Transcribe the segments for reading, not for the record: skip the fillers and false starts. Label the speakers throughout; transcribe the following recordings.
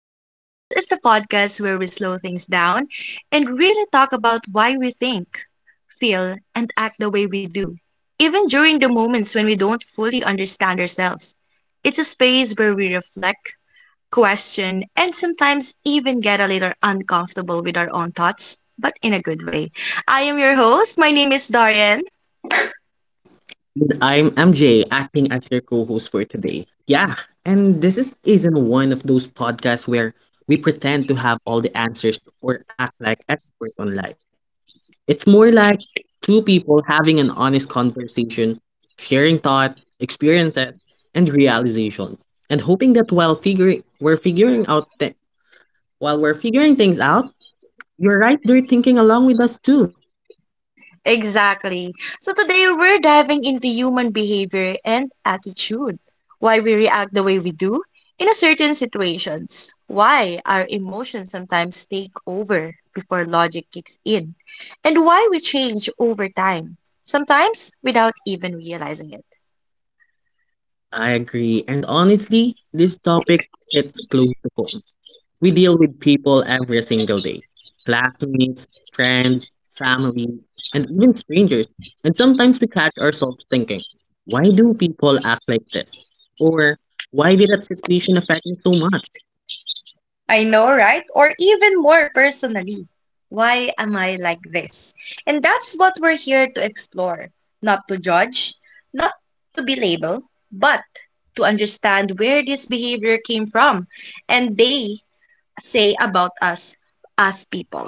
Speaker 1: Us. This is the podcast where we slow things down and really talk about why we think, feel, and act the way we do, even during the moments when we don't fully understand ourselves. It's a space where we reflect, question, and sometimes even get a little uncomfortable with our own thoughts, but in a good way. I am your host. My name is Darian.
Speaker 2: I'm MJ, acting as your co-host for today. Yeah, and this is isn't one of those podcasts where we pretend to have all the answers or act like experts on life. It's more like two people having an honest conversation, sharing thoughts, experiences, and realizations, and hoping that while we're figuring things out, you're right there thinking along with us too.
Speaker 1: Exactly. So today we're diving into human behavior and attitude, why we react the way we do in a certain situations, why our emotions sometimes take over before logic kicks in, and why we change over time, sometimes without even realizing it.
Speaker 2: I agree, and honestly, this topic hits close to home. We deal with people every single day: classmates, friends, family, and even strangers. And sometimes we catch ourselves thinking, why do people act like this? Or why did that situation affect me so much?
Speaker 1: I know, right? Or even more personally, why am I like this? And that's what we're here to explore, not to judge, not to be labeled, but to understand where this behavior came from and they say about us as people.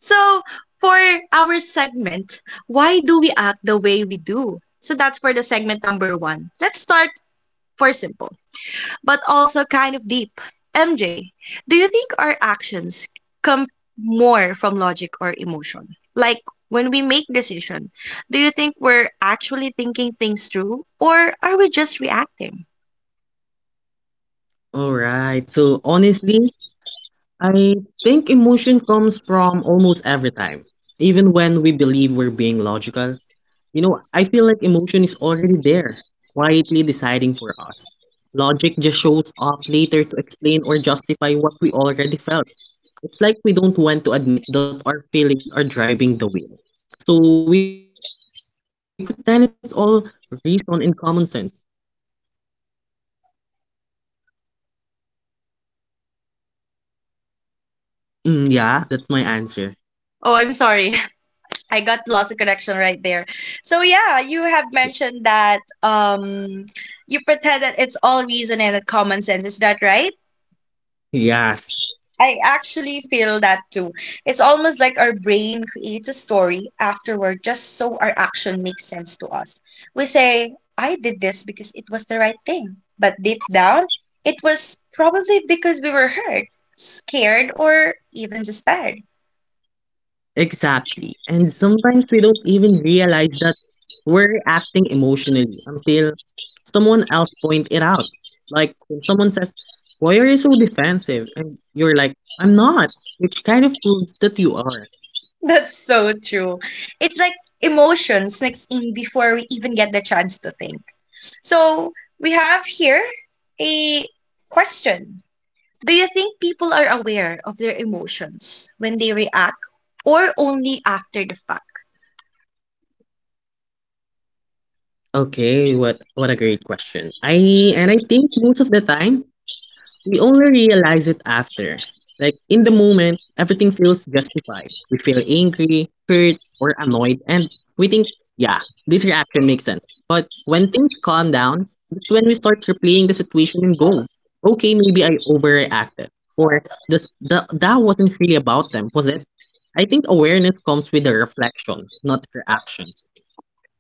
Speaker 1: So, for our segment, why do we act the way we do? So, that's for the segment number one. Let's start for simple, but also kind of deep. MJ, do you think our actions come more from logic or emotion? Like when we make decision, do you think we're actually thinking things through or are we just reacting?
Speaker 2: Alright, so honestly, I think emotion comes from almost every time, even when we believe we're being logical. I feel like emotion is already there, quietly deciding for us. Logic just shows up later to explain or justify what we already felt. It's like we don't want to admit that our feelings are driving the wheel. So we pretend it's all reason and common sense. Mm, yeah, that's my answer.
Speaker 1: Oh, I'm sorry. I got lost in connection right there. So yeah, you have mentioned that you pretend that it's all reason and that common sense. Is that right?
Speaker 2: Yes.
Speaker 1: I actually feel that too. It's almost like our brain creates a story afterward just so our action makes sense to us. We say, I did this because it was the right thing. But deep down, it was probably because we were hurt, scared, or even just tired.
Speaker 2: Exactly. And sometimes we don't even realize that we're acting emotionally until someone else point it out. Like when someone says, "Why are you so defensive?" and you're like, "I'm not," which kind of proves that you are.
Speaker 1: That's so true. It's like emotion sneaks in before we even get the chance to think. So we have here a question. Do you think people are aware of their emotions when they react or only after the fact?
Speaker 2: Okay, what a great question. I think most of the time we only realize it after. Like in the moment, everything feels justified. We feel angry, hurt, or annoyed, and we think, yeah, this reaction makes sense. But when things calm down, that's when we start replaying the situation and go, okay, maybe I overreacted. Or that wasn't really about them, was it? I think awareness comes with a reflection, not reaction.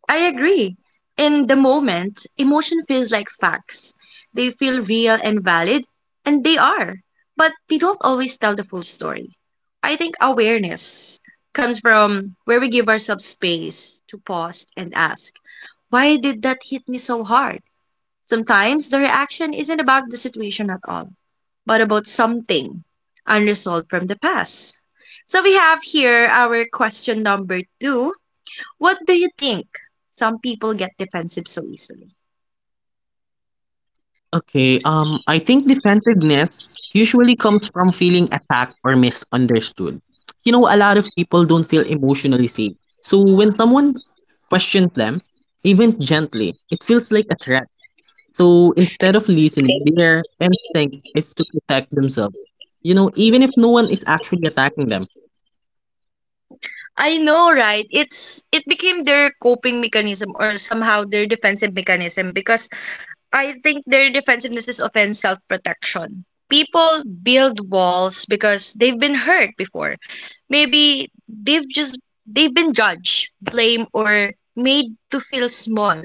Speaker 1: I agree. In the moment, emotion feels like facts. They feel real and valid, and they are, but they don't always tell the full story. I think awareness comes from where we give ourselves space to pause and ask, why did that hit me so hard? Sometimes the reaction isn't about the situation at all, but about something unresolved from the past. So we have here our question number two. What do you think? Some people get defensive so easily.
Speaker 2: Okay, I think defensiveness usually comes from feeling attacked or misunderstood. A lot of people don't feel emotionally safe. So when someone questions them, even gently, it feels like a threat. So instead of listening, their instinct is to protect themselves. Even if no one is actually attacking them.
Speaker 1: I know, right? It became their coping mechanism or somehow their defensive mechanism, because I think their defensiveness is often self protection. People build walls because they've been hurt before. Maybe they've been judged, blamed, or made to feel small.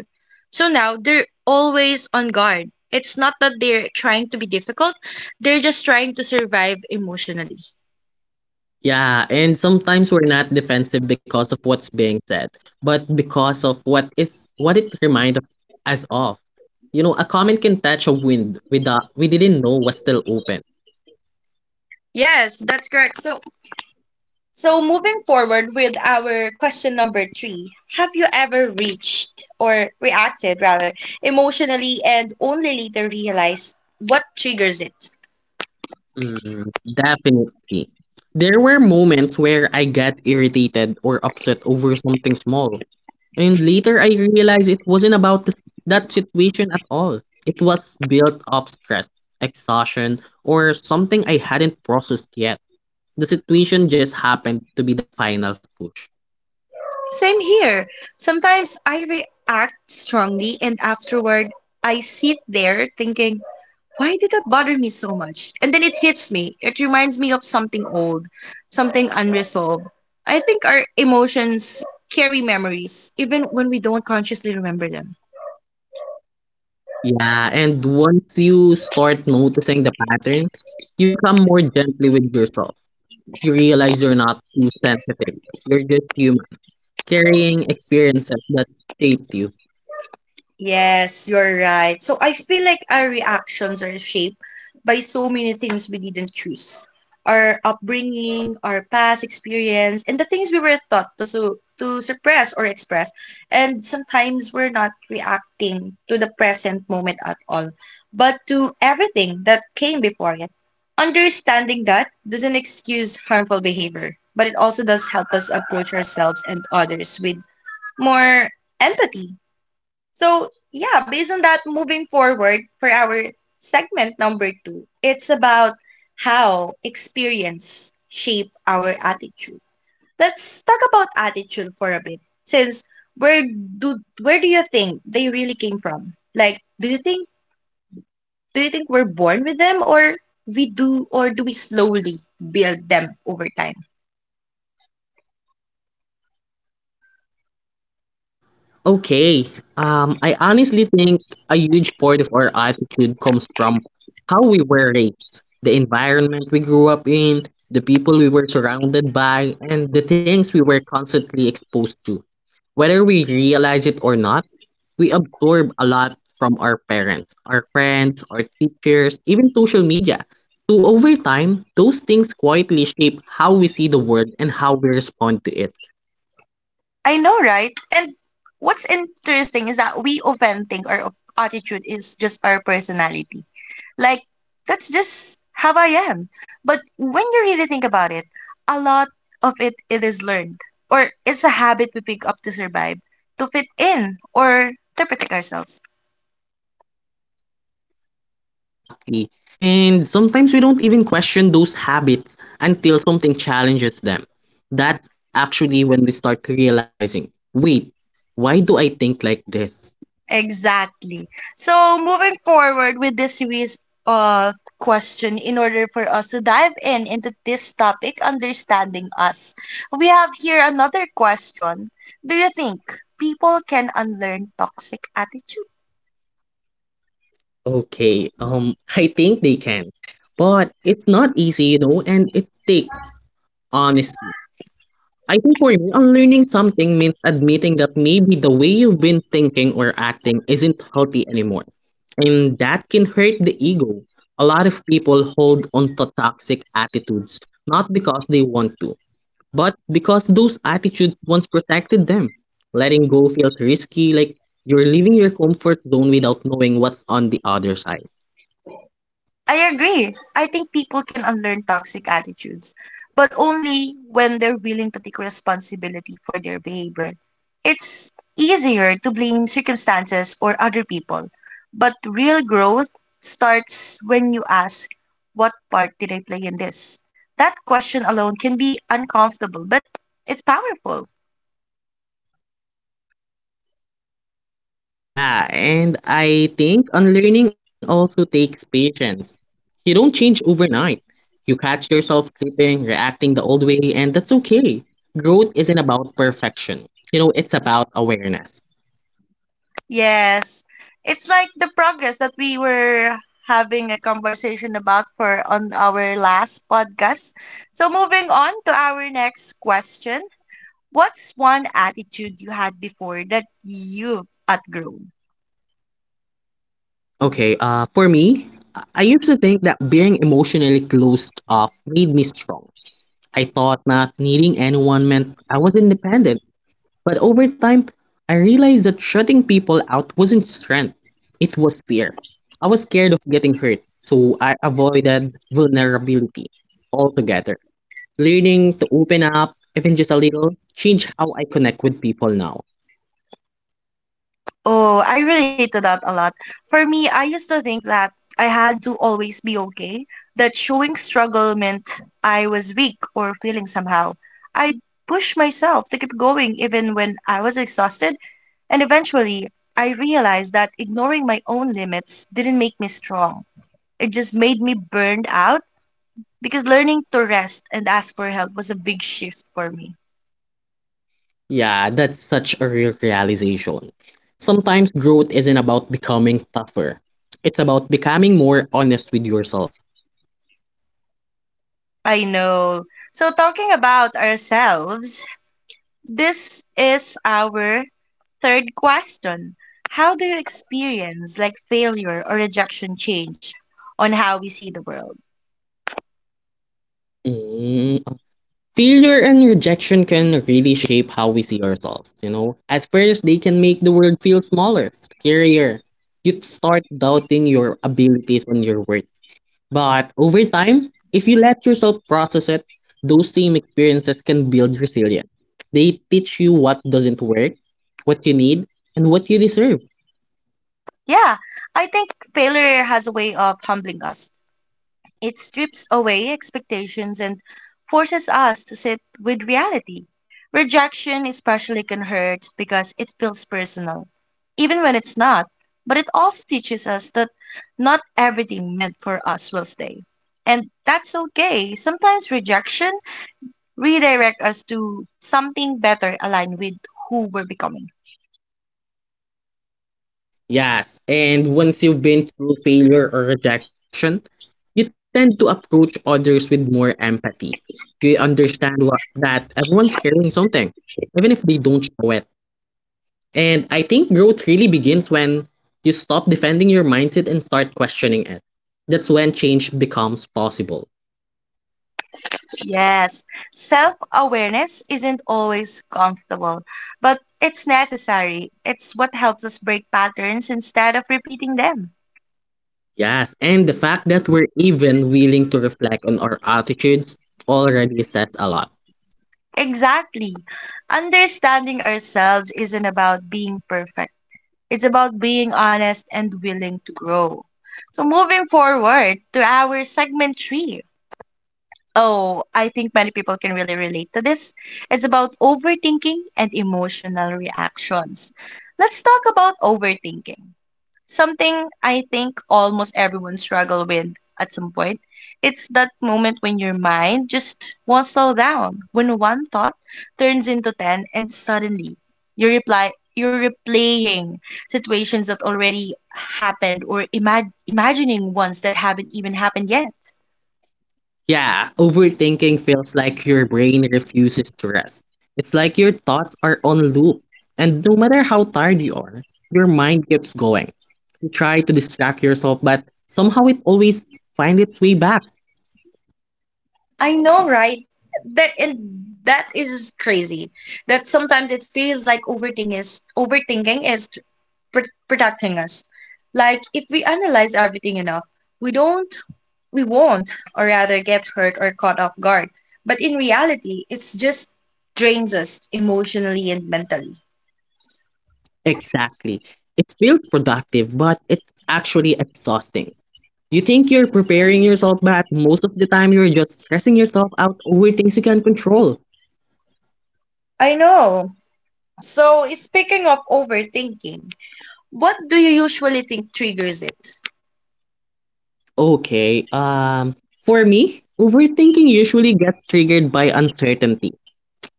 Speaker 1: So now they're always on guard. It's not that they're trying to be difficult, they're just trying to survive emotionally.
Speaker 2: Yeah, and sometimes we're not defensive because of what's being said, but because of what it reminds us of. A comment can touch a wind without we didn't know was still open.
Speaker 1: Yes, that's correct. So, moving forward with our question number three. Have you ever reached, or reacted rather, emotionally and only later realized what triggers it?
Speaker 2: Mm, definitely. There were moments where I got irritated or upset over something small, and later I realized it wasn't about that situation at all. It was built up stress, exhaustion, or something I hadn't processed yet. The situation just happened to be the final push.
Speaker 1: Same here. Sometimes I react strongly, and afterward, I sit there thinking, why did that bother me so much? And then it hits me. It reminds me of something old, something unresolved. I think our emotions carry memories, even when we don't consciously remember them.
Speaker 2: Yeah, and once you start noticing the pattern, you become more gently with yourself. You realize you're not too sensitive. You're just human, carrying experiences that shaped you.
Speaker 1: Yes, you're right. So I feel like our reactions are shaped by so many things we didn't choose. Our upbringing, our past experience, and the things we were taught to suppress or express. And sometimes we're not reacting to the present moment at all, but to everything that came before it. Understanding that doesn't excuse harmful behavior, but it also does help us approach ourselves and others with more empathy. So, yeah, based on that, moving forward for our segment number two, it's about how experience shape our attitude. Let's talk about attitude for a bit, since where do you think they really came from? Like, do you think we're born with them, or we do, or do we slowly build them over time?
Speaker 2: Okay. I honestly think a huge part of our attitude comes from how we were raised, the environment we grew up in, the people we were surrounded by, and the things we were constantly exposed to. Whether we realize it or not, we absorb a lot from our parents, our friends, our teachers, even social media. So over time, those things quietly shape how we see the world and how we respond to it.
Speaker 1: I know, right? And what's interesting is that we often think our attitude is just our personality. Like, that's just how I am. But when you really think about it, a lot of it, it is learned, or it's a habit we pick up to survive, to fit in, or to protect ourselves.
Speaker 2: Exactly. And sometimes we don't even question those habits until something challenges them. That's actually when we start realizing, wait, why do I think like this?
Speaker 1: Exactly. So, moving forward with this series of question, in order for us to dive in into this topic understanding us, we have here another question: do you think people can unlearn toxic attitudes?
Speaker 2: Okay, I think they can. But it's not easy, and it takes honesty. I think for me, unlearning something means admitting that maybe the way you've been thinking or acting isn't healthy anymore. And that can hurt the ego. A lot of people hold on to toxic attitudes, not because they want to, but because those attitudes once protected them. Letting go feels risky, like you're leaving your comfort zone without knowing what's on the other side.
Speaker 1: I agree. I think people can unlearn toxic attitudes, but only when they're willing to take responsibility for their behavior. It's easier to blame circumstances or other people, but real growth starts when you ask, what part did I play in this? That question alone can be uncomfortable, but it's powerful.
Speaker 2: Yeah, and I think unlearning also takes patience. You don't change overnight. You catch yourself slipping, reacting the old way, and that's okay. Growth isn't about perfection. It's about awareness.
Speaker 1: Yes. It's like the progress that we were having a conversation about for on our last podcast. So moving on to our next question. What's one attitude you had before that you've outgrown?
Speaker 2: Okay, for me, I used to think that being emotionally closed off made me strong. I thought not needing anyone meant I was independent. But over time, I realized that shutting people out wasn't strength, it was fear. I was scared of getting hurt, so I avoided vulnerability altogether. Learning to open up, even just a little, changed how I connect with people now.
Speaker 1: Oh, I relate to that a lot. For me, I used to think that I had to always be okay, that showing struggle meant I was weak or feeling somehow. I'd push myself to keep going even when I was exhausted. And eventually, I realized that ignoring my own limits didn't make me strong. It just made me burned out, because learning to rest and ask for help was a big shift for me.
Speaker 2: Yeah, that's such a real realization. Sometimes growth isn't about becoming tougher. It's about becoming more honest with yourself.
Speaker 1: I know. So, talking about ourselves, this is our third question. How do you experience like failure or rejection change on how we see the world?
Speaker 2: Mm, failure and rejection can really shape how we see ourselves, you know? At first, they can make the world feel smaller, scarier. You start doubting your abilities and your worth. But over time, if you let yourself process it, those same experiences can build resilience. They teach you what doesn't work, what you need, and what you deserve.
Speaker 1: Yeah, I think failure has a way of humbling us. It strips away expectations and forces us to sit with reality. Rejection especially can hurt because it feels personal, even when it's not. But it also teaches us that not everything meant for us will stay. And that's okay. Sometimes rejection redirect us to something better aligned with who we're becoming.
Speaker 2: Yes, and once you've been through failure or rejection, you tend to approach others with more empathy. You understand that everyone's carrying something, even if they don't show it. And I think growth really begins when you stop defending your mindset and start questioning it. That's when change becomes possible.
Speaker 1: Yes, self awareness isn't always comfortable, but it's necessary. It's what helps us break patterns instead of repeating them.
Speaker 2: Yes, and the fact that we're even willing to reflect on our attitudes already says a lot.
Speaker 1: Exactly. Understanding ourselves isn't about being perfect, it's about being honest and willing to grow. So, moving forward to our segment three. Oh, I think many people can really relate to this. It's about overthinking and emotional reactions. Let's talk about overthinking, something I think almost everyone struggle with at some point. It's that moment when your mind just won't slow down, when one thought turns into ten and suddenly you're replaying situations that already happened or imagining ones that haven't even happened yet.
Speaker 2: Yeah, overthinking feels like your brain refuses to rest. It's like your thoughts are on loop, and no matter how tired you are, your mind keeps going. You try to distract yourself, but somehow it always finds its way back.
Speaker 1: I know, right? That is crazy. That sometimes it feels like overthinking is protecting us. Like if we analyze everything enough, we don't we won't, or rather, get hurt or caught off guard. But in reality, it's just drains us emotionally and mentally.
Speaker 2: Exactly. It feels productive, but it's actually exhausting. You think you're preparing yourself, but most of the time you're just stressing yourself out over things you can't control.
Speaker 1: I know. So, speaking of overthinking, what do you usually think triggers it?
Speaker 2: Okay, um, for me, overthinking usually gets triggered by uncertainty.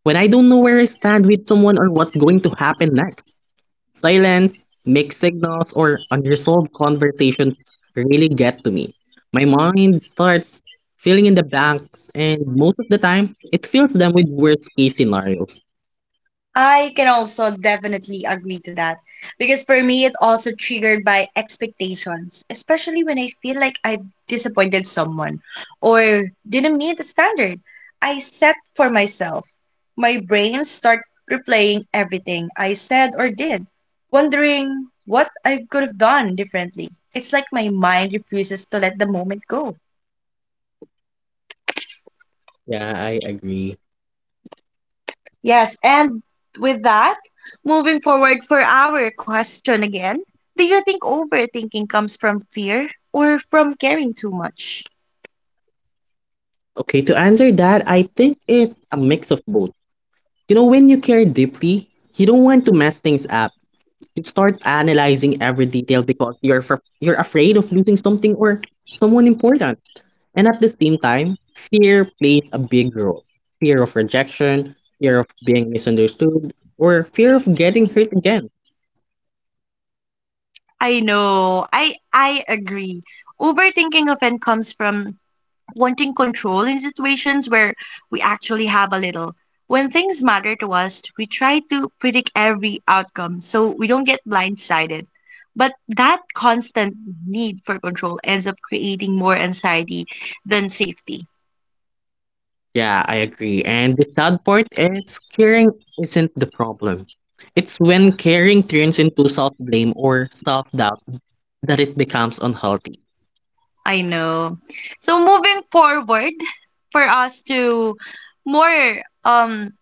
Speaker 2: When I don't know where I stand with someone or what's going to happen next, silence, mixed signals, or unresolved conversations really get to me. My mind starts filling in the blanks, and most of the time, it fills them with worst case scenarios.
Speaker 1: I can also definitely agree to that, because for me, it also triggered by expectations, especially when I feel like I've disappointed someone or didn't meet the standard I set for myself. My brain start replaying everything I said or did, wondering what I could have done differently. It's like my mind refuses to let the moment go.
Speaker 2: Yeah, I agree.
Speaker 1: Yes, and with that, moving forward for our question again, do you think overthinking comes from fear or from caring too much?
Speaker 2: Okay, to answer that, I think it's a mix of both. When you care deeply, you don't want to mess things up. You start analyzing every detail because you're afraid of losing something or someone important. And at the same time, fear plays a big role. Fear of rejection, fear of being misunderstood, or fear of getting hurt again.
Speaker 1: I know. I agree. Overthinking often comes from wanting control in situations where we actually have a little. When things matter to us, we try to predict every outcome so we don't get blindsided. But that constant need for control ends up creating more anxiety than safety.
Speaker 2: Yeah, I agree. And the sad part is caring isn't the problem. It's when caring turns into self blame or self doubt that it becomes unhealthy.
Speaker 1: I know. So moving forward, for us to more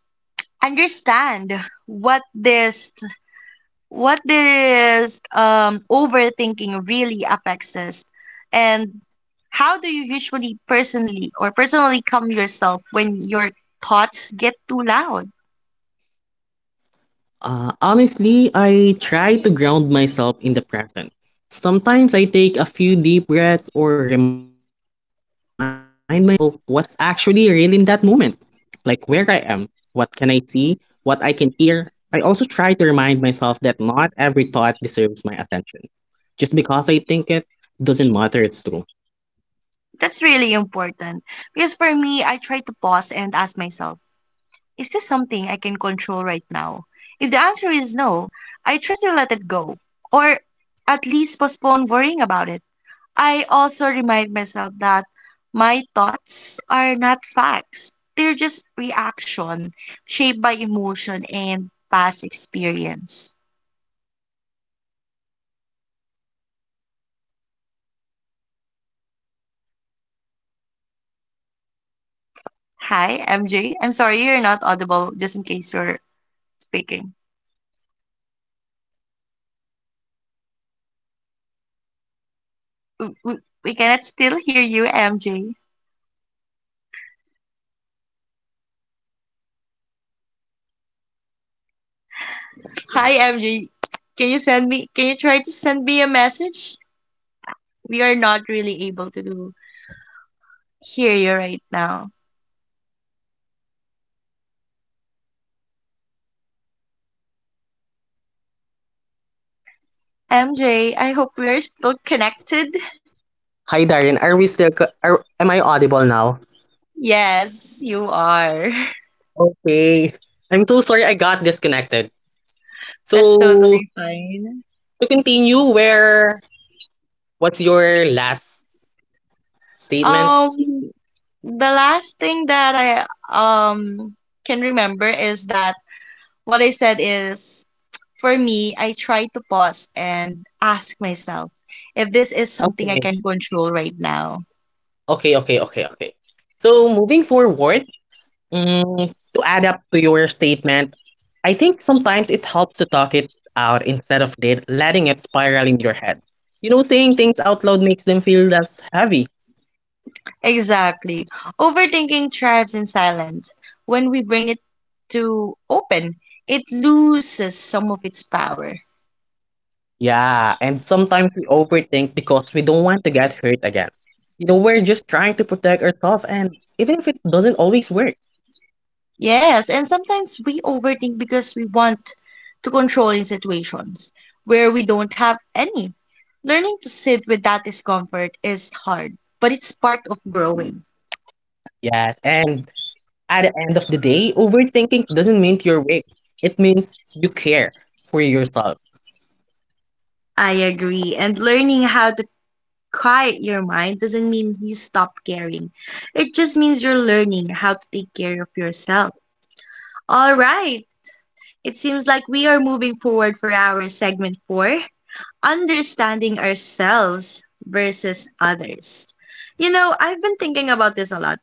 Speaker 1: understand what this what this overthinking really affects us, and how do you usually personally calm yourself when your thoughts get too loud?
Speaker 2: Honestly, I try to ground myself in the present. Sometimes I take a few deep breaths or remind myself of what's actually real in that moment, like where I am, what can I see, what I can hear. I also try to remind myself that not every thought deserves my attention. Just because I think it doesn't matter it's true.
Speaker 1: That's really important, because for me, I try to pause and ask myself, is this something I can control right now? If the answer is no, I try to let it go, or at least postpone worrying about it. I also remind myself that my thoughts are not facts. They're just reaction shaped by emotion and past experience.
Speaker 2: Yeah, and sometimes it helps to talk it out instead of letting it spiral in your head. Saying things out loud makes them feel
Speaker 1: Hi,
Speaker 2: less
Speaker 1: MJ.
Speaker 2: heavy.
Speaker 1: I'm sorry, you're not audible, just in case you're speaking. We cannot still hear you, MJ. Hi, MJ. Can you send me, can you try to send me a message? We are not really able to do hear you right now.
Speaker 2: I'm sorry. Am I audible now?
Speaker 1: MJ, I hope we are still connected.
Speaker 2: Hi, Darren. Are we still? Co- Are am I audible now?
Speaker 1: Yes, you are.
Speaker 2: Okay. I'm so sorry. I got disconnected.
Speaker 1: That's
Speaker 2: So
Speaker 1: totally fine.
Speaker 2: to continue, where what's your last statement?
Speaker 1: Um, the last thing that I um can remember is that what I said is, for me, I try to pause and ask myself if this is something I
Speaker 2: Okay.
Speaker 1: can control right now.
Speaker 2: Okay. So moving forward, mm, to add up to your statement, I think sometimes it helps to talk it out instead of did letting it spiral in your head. Saying things out loud makes them feel less heavy.
Speaker 1: Exactly. Overthinking thrives in silence. When we bring it to open, it loses some of its power.
Speaker 2: Yeah, and sometimes we overthink because we don't want to get hurt again. We're just trying to protect ourselves, and even if it doesn't always work.
Speaker 1: Yes, and sometimes we overthink because we want to control in situations where we don't have any. Learning to sit with that discomfort is hard, but it's part of growing.
Speaker 2: Yes, and at the end of the day, overthinking doesn't mean you're weak. It means you care for yourself.
Speaker 1: I agree. And learning how to quiet your mind doesn't mean you stop caring. It just means you're learning how to take care of yourself. All right. It seems like we are moving forward for our segment four understanding ourselves versus others. You know, I've been thinking about this a lot.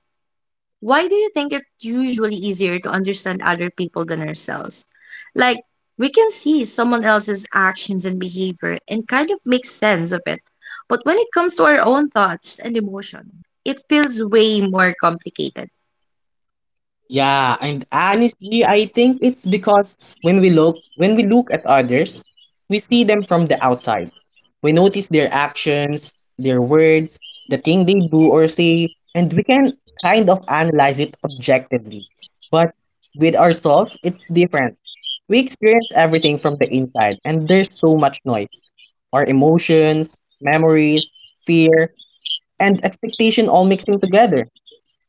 Speaker 1: Why do you think it's usually easier to understand other people than ourselves? Like, we can see someone else's actions and behavior and kind of make sense of it. But when it comes to our own thoughts and emotion, it feels way more complicated.
Speaker 2: Yeah, and honestly, I think it's because when we look at others, we see them from the outside. We notice their actions, their words, the thing they do or say, and we can kind of analyze it objectively. But with ourselves, it's different. We experience everything from the inside, and there's so much noise. Our emotions, memories, fear, and expectation all mixing together.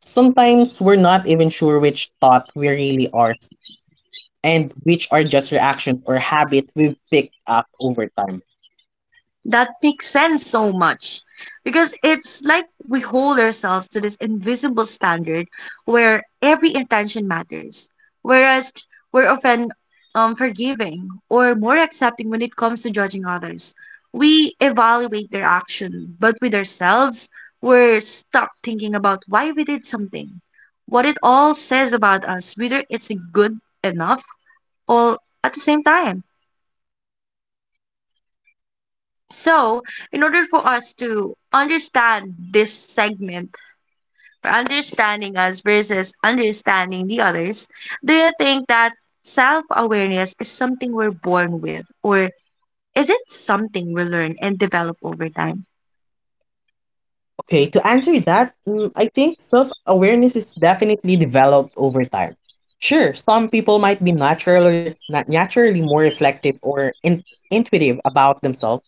Speaker 2: Sometimes we're not even sure which thought we really are and which are just reactions or habit we've picked up over time.
Speaker 1: That makes sense so much because it's like we hold ourselves to this invisible standard where every intention matters, whereas we're often forgiving or more accepting when it comes to judging others. We evaluate their action, but with ourselves, we're stuck thinking about why we did something, what it all says about us, whether it's good enough all at the same time. So, in order for us to understand this segment, or understanding us versus understanding the others, do you think that self awareness is something we're born with, or is it something we learn and develop over time?
Speaker 2: Okay, to answer that, mm, I think self awareness is definitely developed over time. Sure, some people might be naturally not naturally more reflective or intuitive about themselves,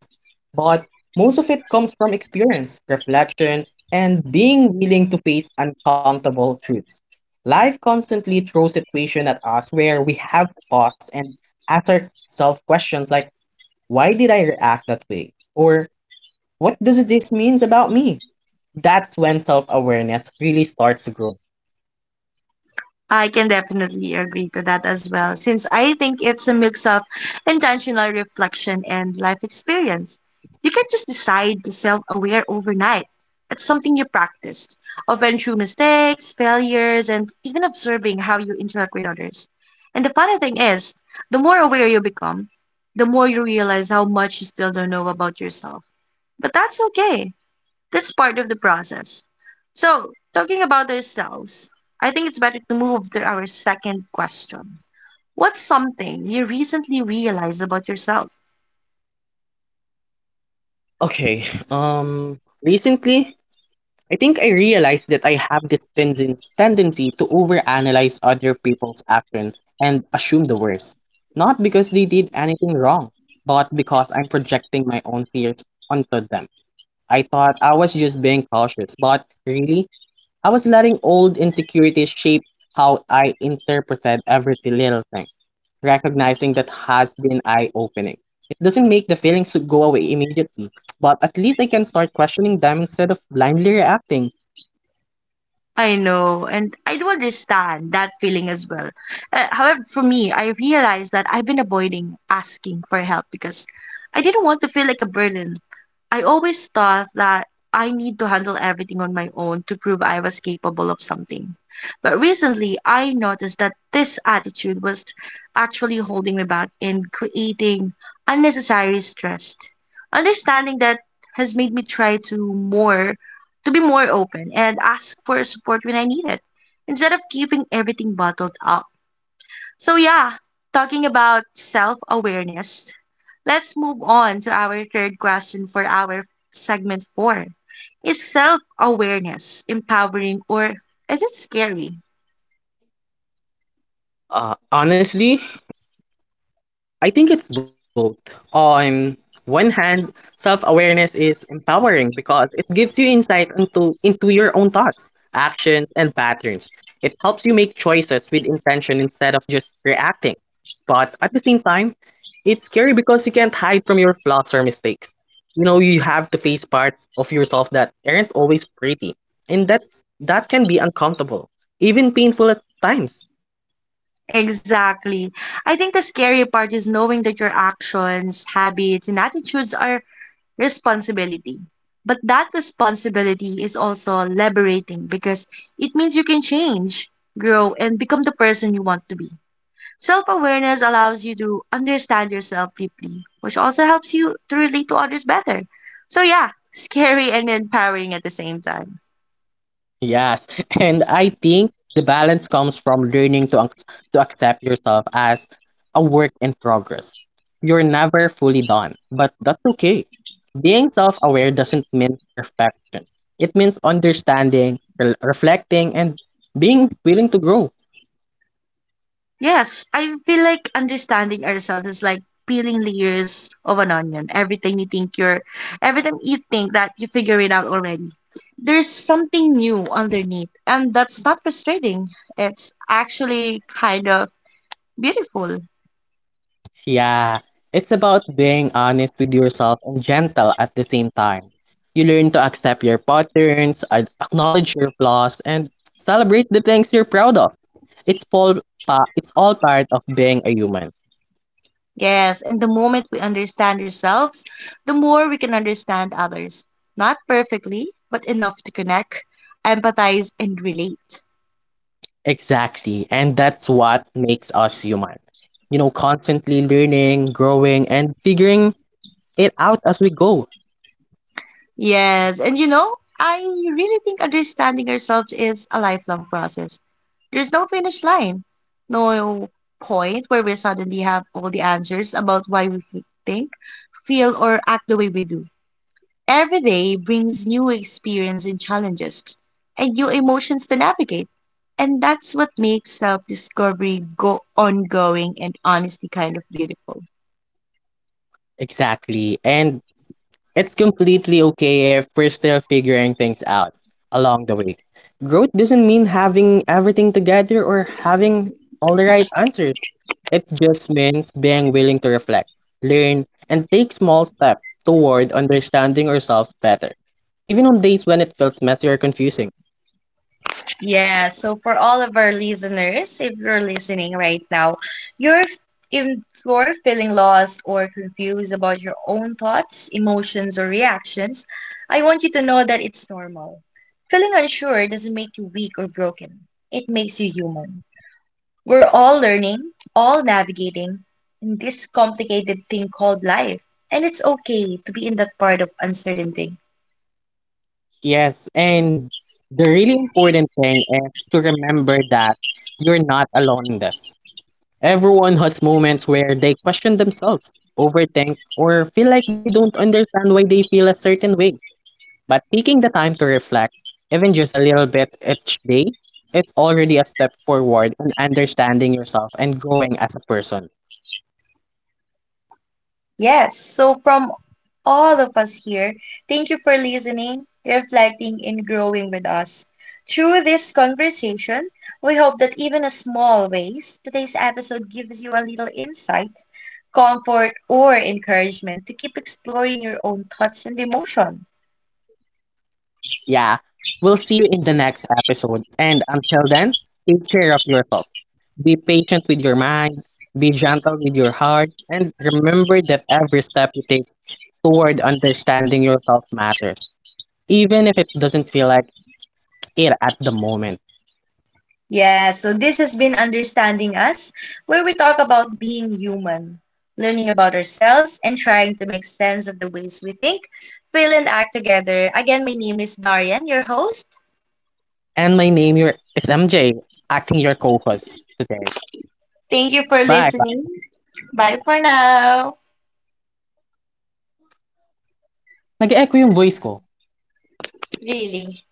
Speaker 2: but most of it comes from experience, reflection, and being willing to face uncomfortable truths. Life constantly throws situations at us where we have to pause and ask ourselves questions like, "Why did I react that way?" or "What does this means about me?" That's when self-awareness really starts to grow.
Speaker 1: I can definitely agree to that as well, since I think it's a mix of intentional reflection and life experience. You can't just decide to self aware overnight. It's something you practiced, often through mistakes, failures, and even observing how you interact with others. And the funny thing is, the more aware you become, the more you realize how much you still don't know about yourself. But that's okay that's part of the process. So, talking about ourselves, I think it's better to move to our second question. What's something you recently realized about yourself?
Speaker 2: Okay, recently, I think I realized that I have this tendency to overanalyze other people's action and assume the worst. Not because they did anything wrong, but because I'm projecting my own fears onto them. I thought I was just being cautious, but really, I was letting old insecurities shape how I interpreted every little thing. Recognizing that has been eye opening. It doesn't make the feelings to go away immediately, but at least I can start questioning them instead of blindly reacting.
Speaker 1: I know, and I do understand that feeling as well. However, for me, I realized that I've been avoiding asking for help because I didn't want to feel like a burden. I always thought that I need to handle everything on my own to prove I was capable of something. But recently, I noticed that this attitude was actually holding me back and creating unnecessary stress. Understanding that has made me try to more to be more open and ask for support when I need it instead of keeping everything bottled up. So, yeah, talking about self awareness, let's move on to our third question for our segment four. Is self awareness empowering or is it scary?
Speaker 2: Honestly, I think it's both. On one hand, self awareness is empowering because it gives you insight into your own thoughts, actions, and patterns. It helps you make choices with intention instead of just reacting. But at the same time, it's scary because you can't hide from your flaws or mistakes. You have to face parts of yourself that aren't always pretty. And that can be uncomfortable, even painful at times.
Speaker 1: Exactly. I think the scary part is knowing that your actions, habits, and attitudes are responsibility. But that responsibility is also liberating because it means you can change, grow, and become the person you want to be. Self awareness allows you to understand yourself deeply, which also helps you to relate to others better. So, yeah, scary and empowering at the same time.
Speaker 2: Yes, and I think the balance comes from learning to to accept yourself as a work in progress. You're never fully done, but that's okay. Being self aware doesn't mean perfection, it means understanding, reflecting, and being willing to grow.
Speaker 1: Yes, I feel like understanding ourselves is like peeling layers of an onion. Every time you think that you figure it out already, there's something new underneath. And that's not frustrating. It's actually kind of beautiful.
Speaker 2: Yeah, it's about being honest with yourself and gentle at the same time. You learn to accept your patterns, acknowledge your flaws, and celebrate the things you're proud of. It's all, it's all part of being a human.
Speaker 1: Yes, and the moment we understand ourselves, the more we can understand others. Not perfectly, but enough to connect, empathize, and relate.
Speaker 2: Exactly, and that's what makes us human. Constantly learning, growing, and figuring it out as we go.
Speaker 1: Yes, and you know, I really think understanding ourselves is a lifelong process. There's no finish line, no point where we suddenly have all the answers about why we think, feel, or act the way we do. Every day brings new experience and challenges and new emotions to navigate. And that's what makes self-discovery go ongoing and honestly kind of beautiful.
Speaker 2: Exactly. And it's completely okay if we're still figuring things out along the way. Growth doesn't mean having everything together or having all the right answers. It just means being willing to reflect, learn, and take small steps toward understanding ourselves better, even on days when it feels messy or confusing.
Speaker 1: Yeah, so for all of our listeners, if you're listening right now, if you're feeling lost or confused about your own thoughts, emotions, or reactions, I want you to know that it's normal. Feeling unsure doesn't make you weak or broken. It makes you human. We're all learning, all navigating in this complicated thing called life, and it's okay to be in that part of uncertainty.
Speaker 2: Yes, and the really important thing is to remember that you're not alone in this. Everyone has moments where they question themselves, overthink, or feel like they don't understand why they feel a certain way. But taking the time to reflect, even just a little bit each day, it's already a step forward in understanding yourself and growing as a person.
Speaker 1: Yes, so from all of us here, thank you for listening, reflecting, and growing with us. Through this conversation, we hope that even in small ways, today's episode gives you a little insight, comfort, or encouragement to keep exploring your own thoughts and emotions.
Speaker 2: Yeah, we'll see you in the next episode. And until then, take care of yourself. Be patient with your mind, be gentle with your heart, and remember that every step you take toward understanding yourself matters, even if it doesn't feel like it at the moment.
Speaker 1: Yeah, so this has been Understanding Us, where we talk about being human, learning about ourselves, and trying to make sense of the ways we think, feel, and act together. Again, my name is Darian, your host.
Speaker 2: And my name your is MJ, acting your co-host today.
Speaker 1: Thank you for
Speaker 2: Bye.
Speaker 1: listening. Bye for now.
Speaker 2: Nag-echo yung voice ko.
Speaker 1: Really.